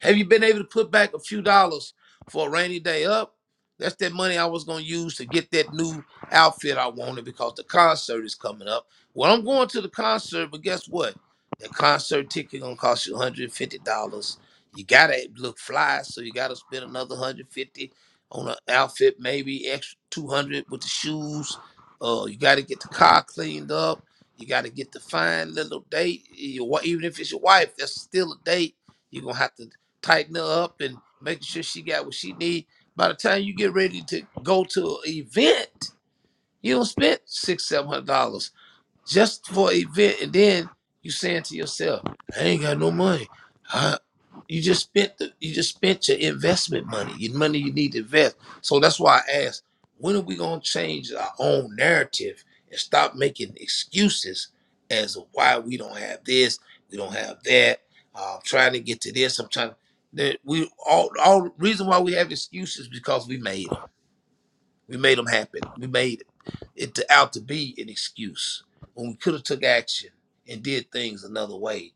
S3: Have you been able to put back a few dollars for a rainy day up? That's that money I was gonna use to get that new outfit I wanted because the concert is coming up. Well, I'm going to the concert, but guess what? The concert ticket gonna cost you $150. You gotta look fly, so you gotta spend another 150 on an outfit, maybe extra 200 with the shoes. Uh, you gotta get the car cleaned up. You gotta get the fine little date. Your, wa- even if it's your wife, that's still a date you're gonna have to tighten her up and making sure she got what she need. By the time you get ready to go to an event, you don't spend six, seven hundred dollars just for an event, and then you saying to yourself, "I ain't got no money." I, you just spent the, you just spent your investment money, your money you need to invest. So that's why I asked, when are we gonna change our own narrative and stop making excuses as to why we don't have this, we don't have that. Uh, I'm trying to get to this. I'm trying. That we all all reason why we have excuses because we made 'em. We made them happen. We made it to, out to be an excuse when we could have took action and did things another way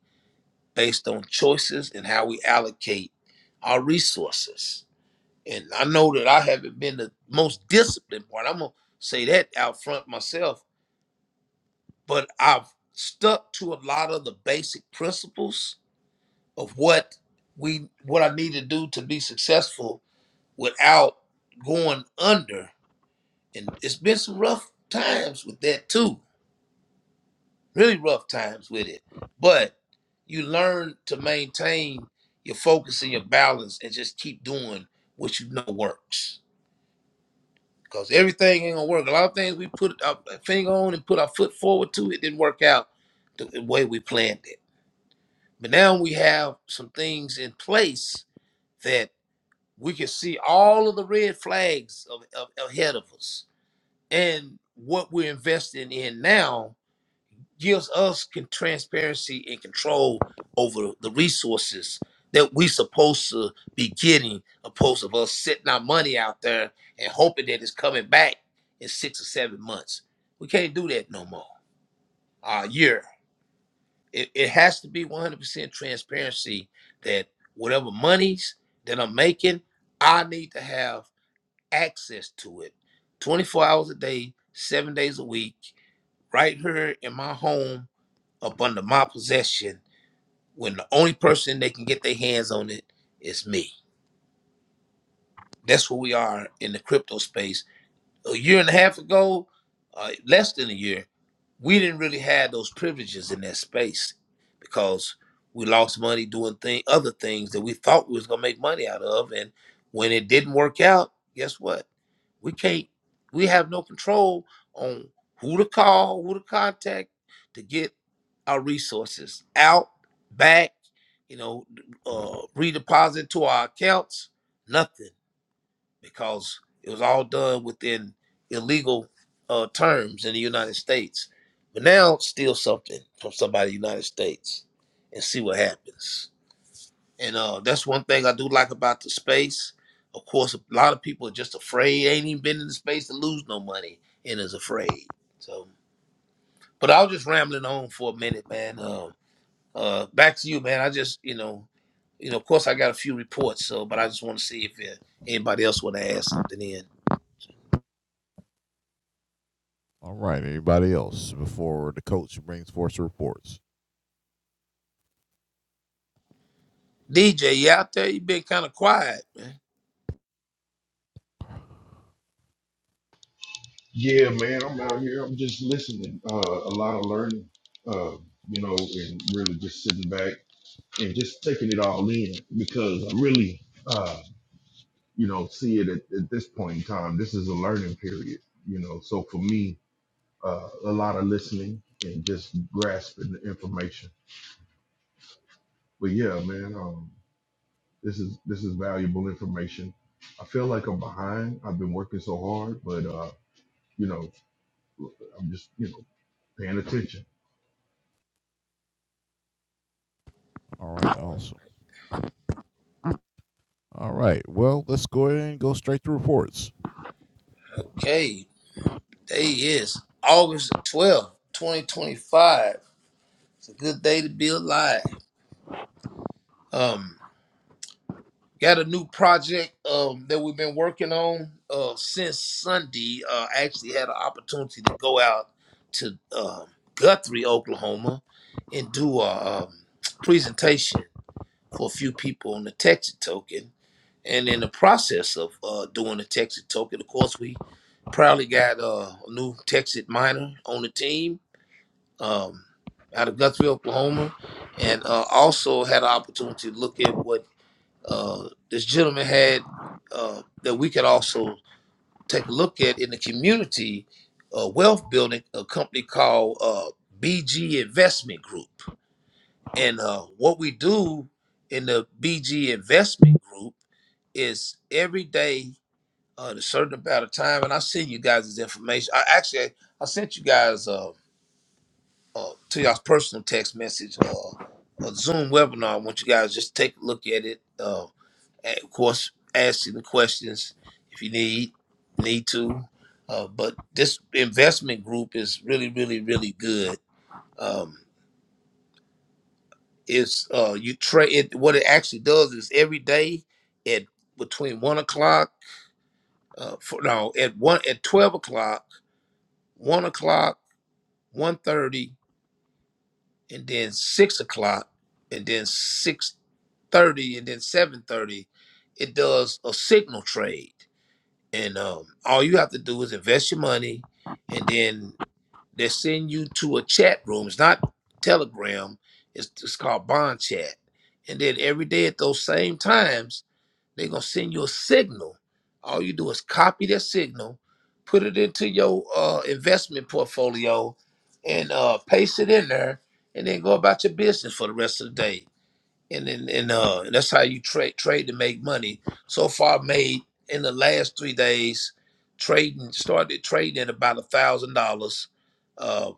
S3: based on choices and how we allocate our resources. And I know that I haven't been the most disciplined part. I'm gonna say that out front myself, but I've stuck to a lot of the basic principles of what we what I need to do to be successful without going under and it's been some rough times with that too really rough times with it but you learn to maintain your focus and your balance and just keep doing what you know works because everything ain't gonna work a lot of things we put our finger on and put our foot forward to it didn't work out the the way we planned it but now we have some things in place that we can see all of the red flags of, of, ahead of us and what we're investing in now gives us con- transparency and control over the resources that we supposed to be getting, opposed of us sitting our money out there and hoping that it's coming back in six or seven months. We can't do that no more. A year. It, it has to be 100% transparency that whatever monies that I'm making, I need to have access to it 24 hours a day, seven days a week, right here in my home up under my possession when the only person they can get their hands on it is me. That's where we are in the crypto space a year and a half ago, uh, less than a year, we didn't really have those privileges in that space because we lost money doing thing, other things that we thought we was gonna make money out of, and when it didn't work out, guess what? We can't. We have no control on who to call, who to contact to get our resources out, back, you know, uh, redeposit to our accounts. Nothing because it was all done within illegal uh, terms in the United States. But now steal something from somebody in the United States and see what happens. And uh, that's one thing I do like about the space. Of course, a lot of people are just afraid. Ain't even been in the space to lose no money and is afraid. So, but I was just rambling on for a minute, man. Uh, uh, back to you, man. I just, you know, you know, of course, I got a few reports. So, but I just want to see if uh, anybody else want to add something in.
S2: All right, anybody else before the coach brings forth the reports?
S3: DJ, you out there? You been kind of quiet, man.
S1: Yeah, I'm just listening, uh, a lot of learning, uh, you know, and really just sitting back and just taking it all in because I'm really. uh, you know, see it at, at this point in time. This is a learning period, you know. So for me, uh, a lot of listening and just grasping the information. But yeah, man, um, this is this is valuable information. I feel like I'm behind. I've been working so hard, but uh, you know, I'm just you know paying attention.
S2: All right, awesome. All right, well, let's go ahead and go straight to reports.
S3: Okay, there he is. August the 12th, 2025. It's a good day to be alive. Um, got a new project um that we've been working on uh since Sunday. Uh actually had an opportunity to go out to um Guthrie, Oklahoma and do a um, presentation for a few people on the Texas token. And in the process of uh, doing the Texas token, of course, we proudly got uh, a new Texas miner on the team um, out of Guthrie, Oklahoma, and uh, also had an opportunity to look at what uh, this gentleman had uh, that we could also take a look at in the community uh, wealth building, a company called uh, BG Investment Group. And uh, what we do in the BG investment group is every day uh, at a certain amount of time, and I send you guys this information. I actually I sent you guys uh, uh, to y'all's personal text message uh, a Zoom webinar. I want you guys just take a look at it. Uh, and of course, asking the questions if you need need to. Uh, but this investment group is really, really, really good. Um, It's uh you trade it. What it actually does is every day at between one o'clock, uh, for, no at one at twelve o'clock, one o'clock, one thirty, and then six o'clock, and then six thirty, and then seven thirty. It does a signal trade, and um, all you have to do is invest your money, and then they send you to a chat room. It's not Telegram. It's, it's called Bond Chat. And then every day at those same times They're gonna send you a signal. All you do is copy their signal, put it into your uh, investment portfolio, and uh, paste it in there, and then go about your business for the rest of the day. And then and uh, that's how you trade trade to make money. So far, I made in the last three days trading started trading at about a thousand dollars. Uh,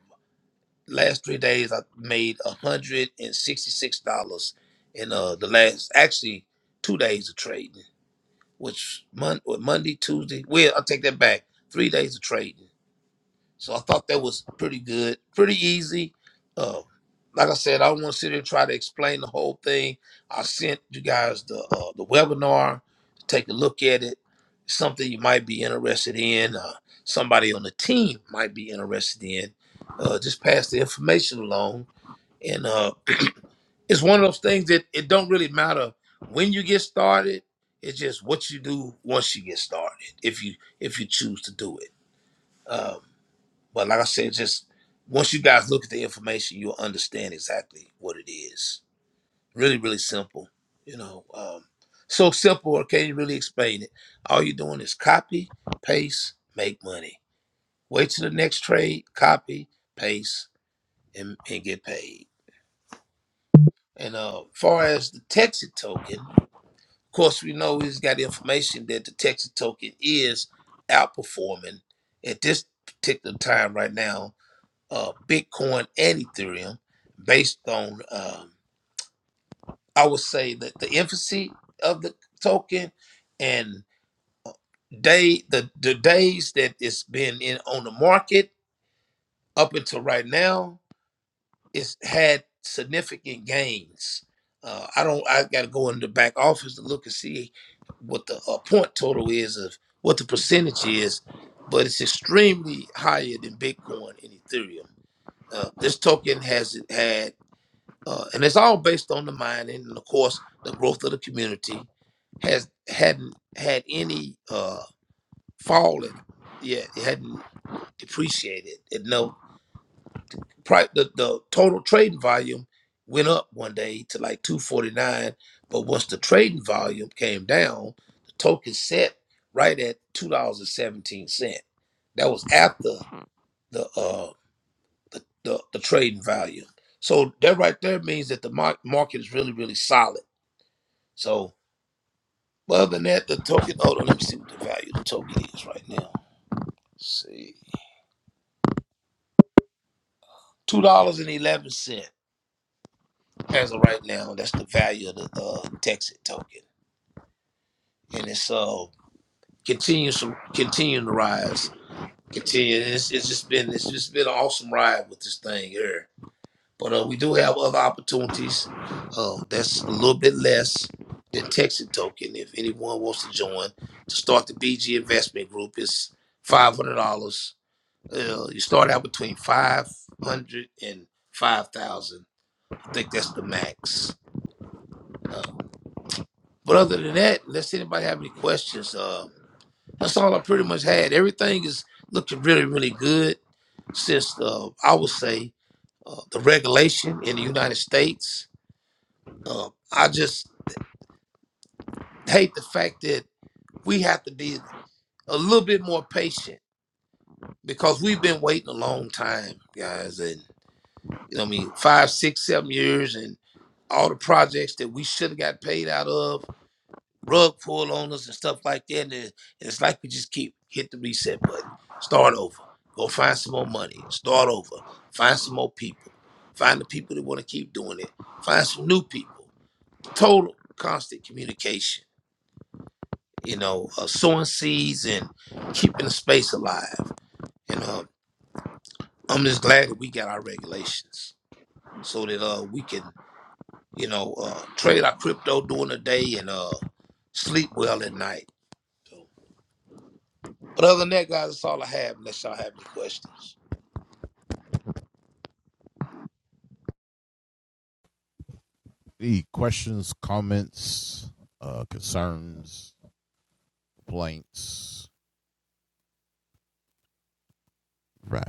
S3: Last three days, I made a hundred and sixty six dollars in uh, the last actually two days of trading which Mon- what, Monday, Tuesday. Well, I'll take that back. Three days of trading. So I thought that was pretty good, pretty easy. Uh, like I said, I don't want to sit here and try to explain the whole thing. I sent you guys the uh, the webinar. to Take a look at it. Something you might be interested in. Uh, somebody on the team might be interested in. Uh, just pass the information along, and uh, it's one of those things that it don't really matter when you get started. It's just what you do once you get started, if you if you choose to do it. Um, but like I said, just once you guys look at the information, you'll understand exactly what it is. Really, really simple. You know, um, so simple. I can't really explain it. All you're doing is copy, paste, make money. Wait till the next trade, copy, paste, and, and get paid. And uh, far as the Texas token. Of course, we know he's got information that the Texas token is outperforming at this particular time right now, uh, Bitcoin and Ethereum, based on um, I would say that the infancy of the token and day the the days that it's been in on the market up until right now. it's had significant gains. Uh, I don't. I got to go in the back office to look and see what the uh, point total is of what the percentage is, but it's extremely higher than Bitcoin and Ethereum. Uh, this token has had, uh, and it's all based on the mining and of course the growth of the community has hadn't had any uh, fall in. Yeah, it hadn't depreciated. at no price the, the total trading volume went up one day to like 249 but once the trading volume came down the token set right at $2.17 that was after the uh the, the, the trading value so that right there means that the mar- market is really really solid so other than that the token hold on let me see what the value of the token is right now Let's see $2.11 as of right now that's the value of the uh, texas token and it's uh continues to continuing to rise. Continue. and It's, it's just been it's just been an awesome ride with this thing here. But uh, we do have other opportunities. Um, that's a little bit less than Texas Token. If anyone wants to join to start the BG Investment Group, it's five hundred dollars. Uh, you start out between five hundred and five thousand. I think that's the max. Uh, but other than that, unless anybody have any questions, uh, That's all I pretty much had. Everything is looking really, really good since uh, I would say uh, the regulation in the United States. Uh, I just hate the fact that we have to be a little bit more patient because we've been waiting a long time, guys. And you know, what I mean, five, six, seven years, and all the projects that we should have got paid out of rug pull on us and stuff like that. And it- it's like we just keep hit the reset button, start over, go find some more money, start over, find some more people, find the people that want to keep doing it, find some new people. Total constant communication, you know, uh, sowing seeds and keeping the space alive. And uh, I'm just glad that we got our regulations so that uh, we can, you know, uh, trade our crypto during the day and uh, sleep well at night. So, But other than that, guys, that's all I have. Unless y'all have any questions.
S2: Any questions, comments, uh, concerns, complaints. Right.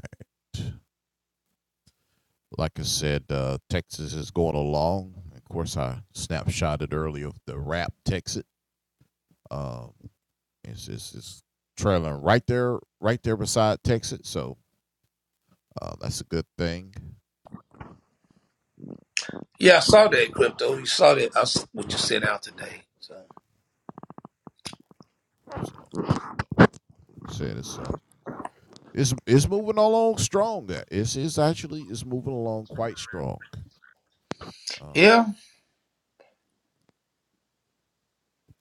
S2: Like I said, uh, Texas is going along. Of course, I snapshotted earlier of the rap Texas. Um, it's, it's, it's trailing right there, right there beside Texas. So uh, that's a good thing.
S3: Yeah, I saw that crypto. You saw that I s what you sent out today. So
S2: So like I said it's uh, it's it's moving along strong. That it's it's actually it's moving along quite strong. Um,
S3: yeah,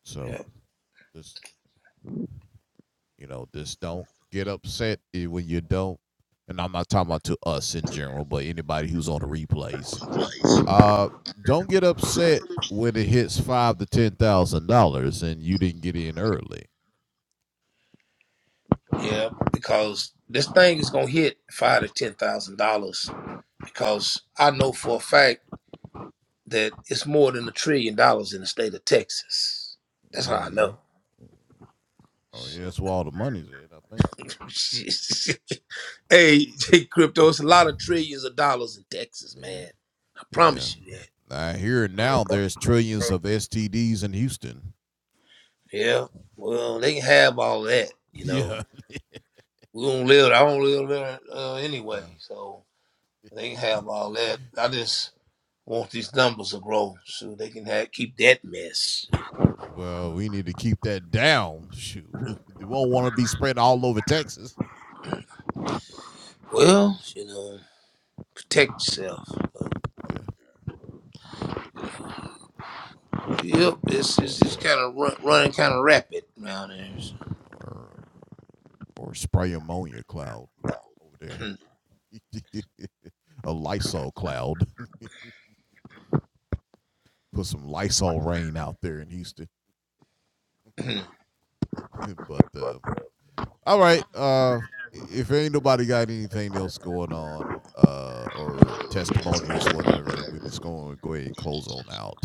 S2: so
S3: yeah,
S2: this You know, just don't get upset when you don't. And I'm not talking about to us in general, but anybody who's on the replays. Uh, don't get upset when it hits five to ten thousand dollars and you didn't get in early.
S3: yeah. Because this thing is gonna hit five to ten thousand dollars. Because I know for a fact that it's more than a trillion dollars in the state of Texas. That's how I
S2: Mm-hmm.
S3: know.
S2: Oh yeah,
S3: Shit.
S2: that's where all the money's at. I think.
S3: *laughs* hey, *laughs* crypto, it's a lot of trillions of dollars in Texas,
S2: Yeah,
S3: man. I
S2: yeah.
S3: promise you that.
S2: I hear now there's trillions of STDs in Houston. *laughs*
S3: Yeah. Well, they can have all that, you know.
S2: Yeah.
S3: we don't live. I don't live there uh, anyway,
S2: Yeah.
S3: so they can have all that. I
S2: yeah.
S3: just want these numbers to grow so they can have, keep that mess.
S2: Well, we need to keep that down. Shoot, *laughs* you won't want to be spread all over Texas.
S3: Well, you know, protect yourself.
S2: Yeah.
S3: Yep, it's, it's
S2: Or
S3: just kind of run, running kind of rapid around here. So.
S2: or or spray ammonia cloud over there. *laughs* a Lysol cloud. *laughs* Put some Lysol rain out there in Houston.
S3: *clears throat*
S2: *laughs* but uh, all right, uh, if ain't nobody got anything else going on uh, or testimonials, whatever, we're just going to go ahead and close on out.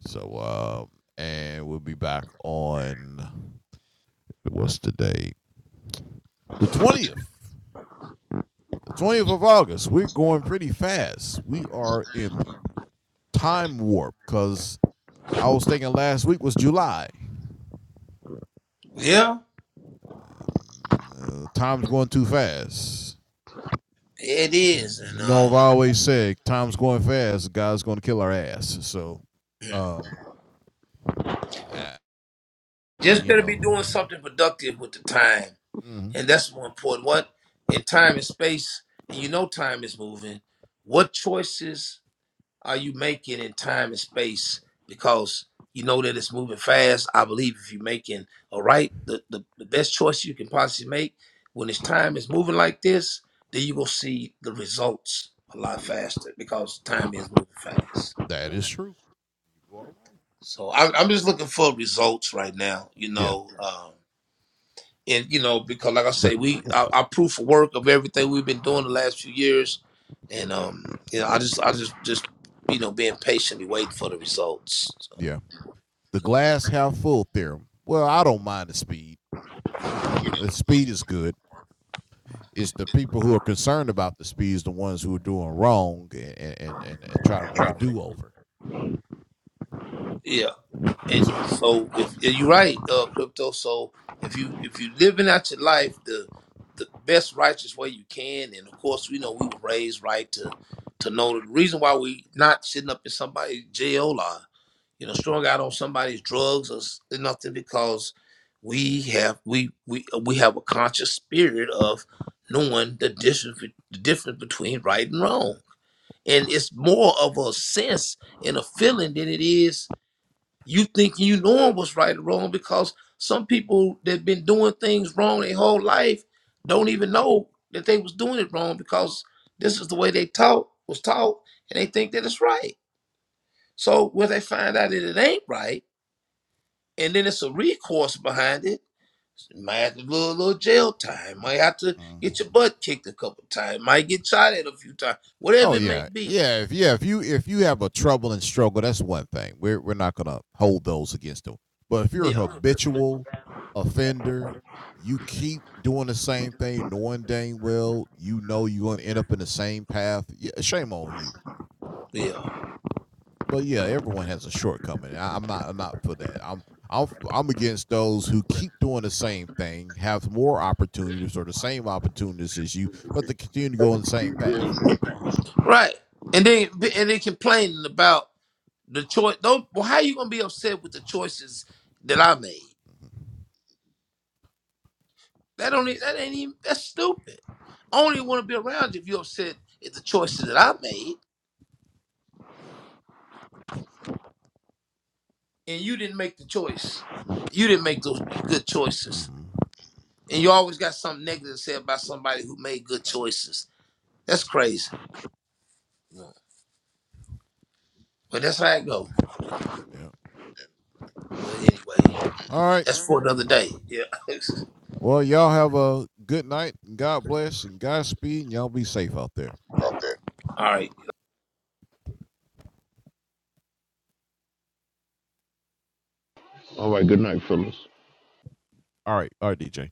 S2: So, um, and we'll be back on what's the date? The twentieth. The twentieth of August. We're going pretty fast. We are in time warp because I was thinking last week was July.
S3: yeah,
S2: Uh, time's going too fast.
S3: it
S2: You
S3: is, and
S2: know, I've
S3: uh,
S2: always said time's going fast. God's going to kill our ass. So,
S3: *clears throat*
S2: um, I, I-
S3: just
S2: you
S3: better
S2: know,
S3: be doing something productive with the time,
S2: mhm,
S3: and that's more important. What in time and space, and you know, time is moving. What choices? Are you making in time and space? Because you know that it's moving fast. I believe if you're making all right, the, the, the best choice you can possibly make when it's time is moving like this, then you will see the results a lot faster because time is moving fast.
S2: that is true. You are right.
S3: So I, I'm just looking for results right now, you
S2: Yeah.
S3: know. Um, and you know, because like I
S2: The
S3: say, we our, our proof of work of everything we've been doing the last few years, and um, you know, I just I just just you know being patiently waiting for the results. so.
S2: yeah the glass half full theorem. Well, I don't mind the speed. You know, the speed is good. It's the people who are concerned about the speed is the ones who are doing wrong and and and, and try to make a do over.
S3: Yeah, and
S2: So
S3: so if and you're right, uh, crypto. So if you if you living out your life the the best righteous way you can, and of course we know we were raised right to to know the reason why we not sitting up in somebody's jail or you know strung out on somebody's drugs or s- nothing because we have we we we have a conscious spirit of knowing the difference be- the difference between right and wrong, and it's more of a sense and a feeling than it is You thinking you knowing what's right or wrong because some people that been doing things wrong their whole life don't even know that they was doing it wrong because this is the way they taught was taught and they think that it's right. So when they find out that it ain't right, and then it's a recourse behind it, might have to do a little, little jail time. Might have to
S2: Mm.
S3: get your butt kicked a couple times. Might get shot at a few times. Whatever
S2: Oh
S3: it may
S2: yeah,
S3: be.
S2: yeah. If yeah, if you if you have a trouble and struggle, that's one thing. We're we're not gonna hold those against them. But if you're a
S3: Yeah,
S2: habitual offender, you keep doing the same thing, knowing dang well you know you're gonna end up in the same path. Yeah, shame on you.
S3: yeah,
S2: But yeah, everyone has a shortcoming. I, I'm not I'm not for that. I'm I'm I'm against those who keep doing the same thing, have more opportunities or the same opportunities as you, but they continue to go on the same path.
S3: right. And then and then complaining about. The choice don't well, how you gonna be upset with the choices that I made? That don't e- that ain't even that's stupid. I only wanna be around you if you're upset at the choices that I made and you didn't make the choice. You didn't make those good choices.
S2: Mm-hmm.
S3: And you always got something negative to say about somebody who made good choices. That's crazy. But that's how it go.
S2: Yeah.
S3: But
S2: Uh,
S3: anyway,
S2: all right.
S3: that's for another day. Yeah. *laughs*
S2: Well, y'all have a good night. God bless and Godspeed. And y'all be safe out there.
S3: All right.
S1: All right, good night, fellas.
S2: All right. All right, DJ.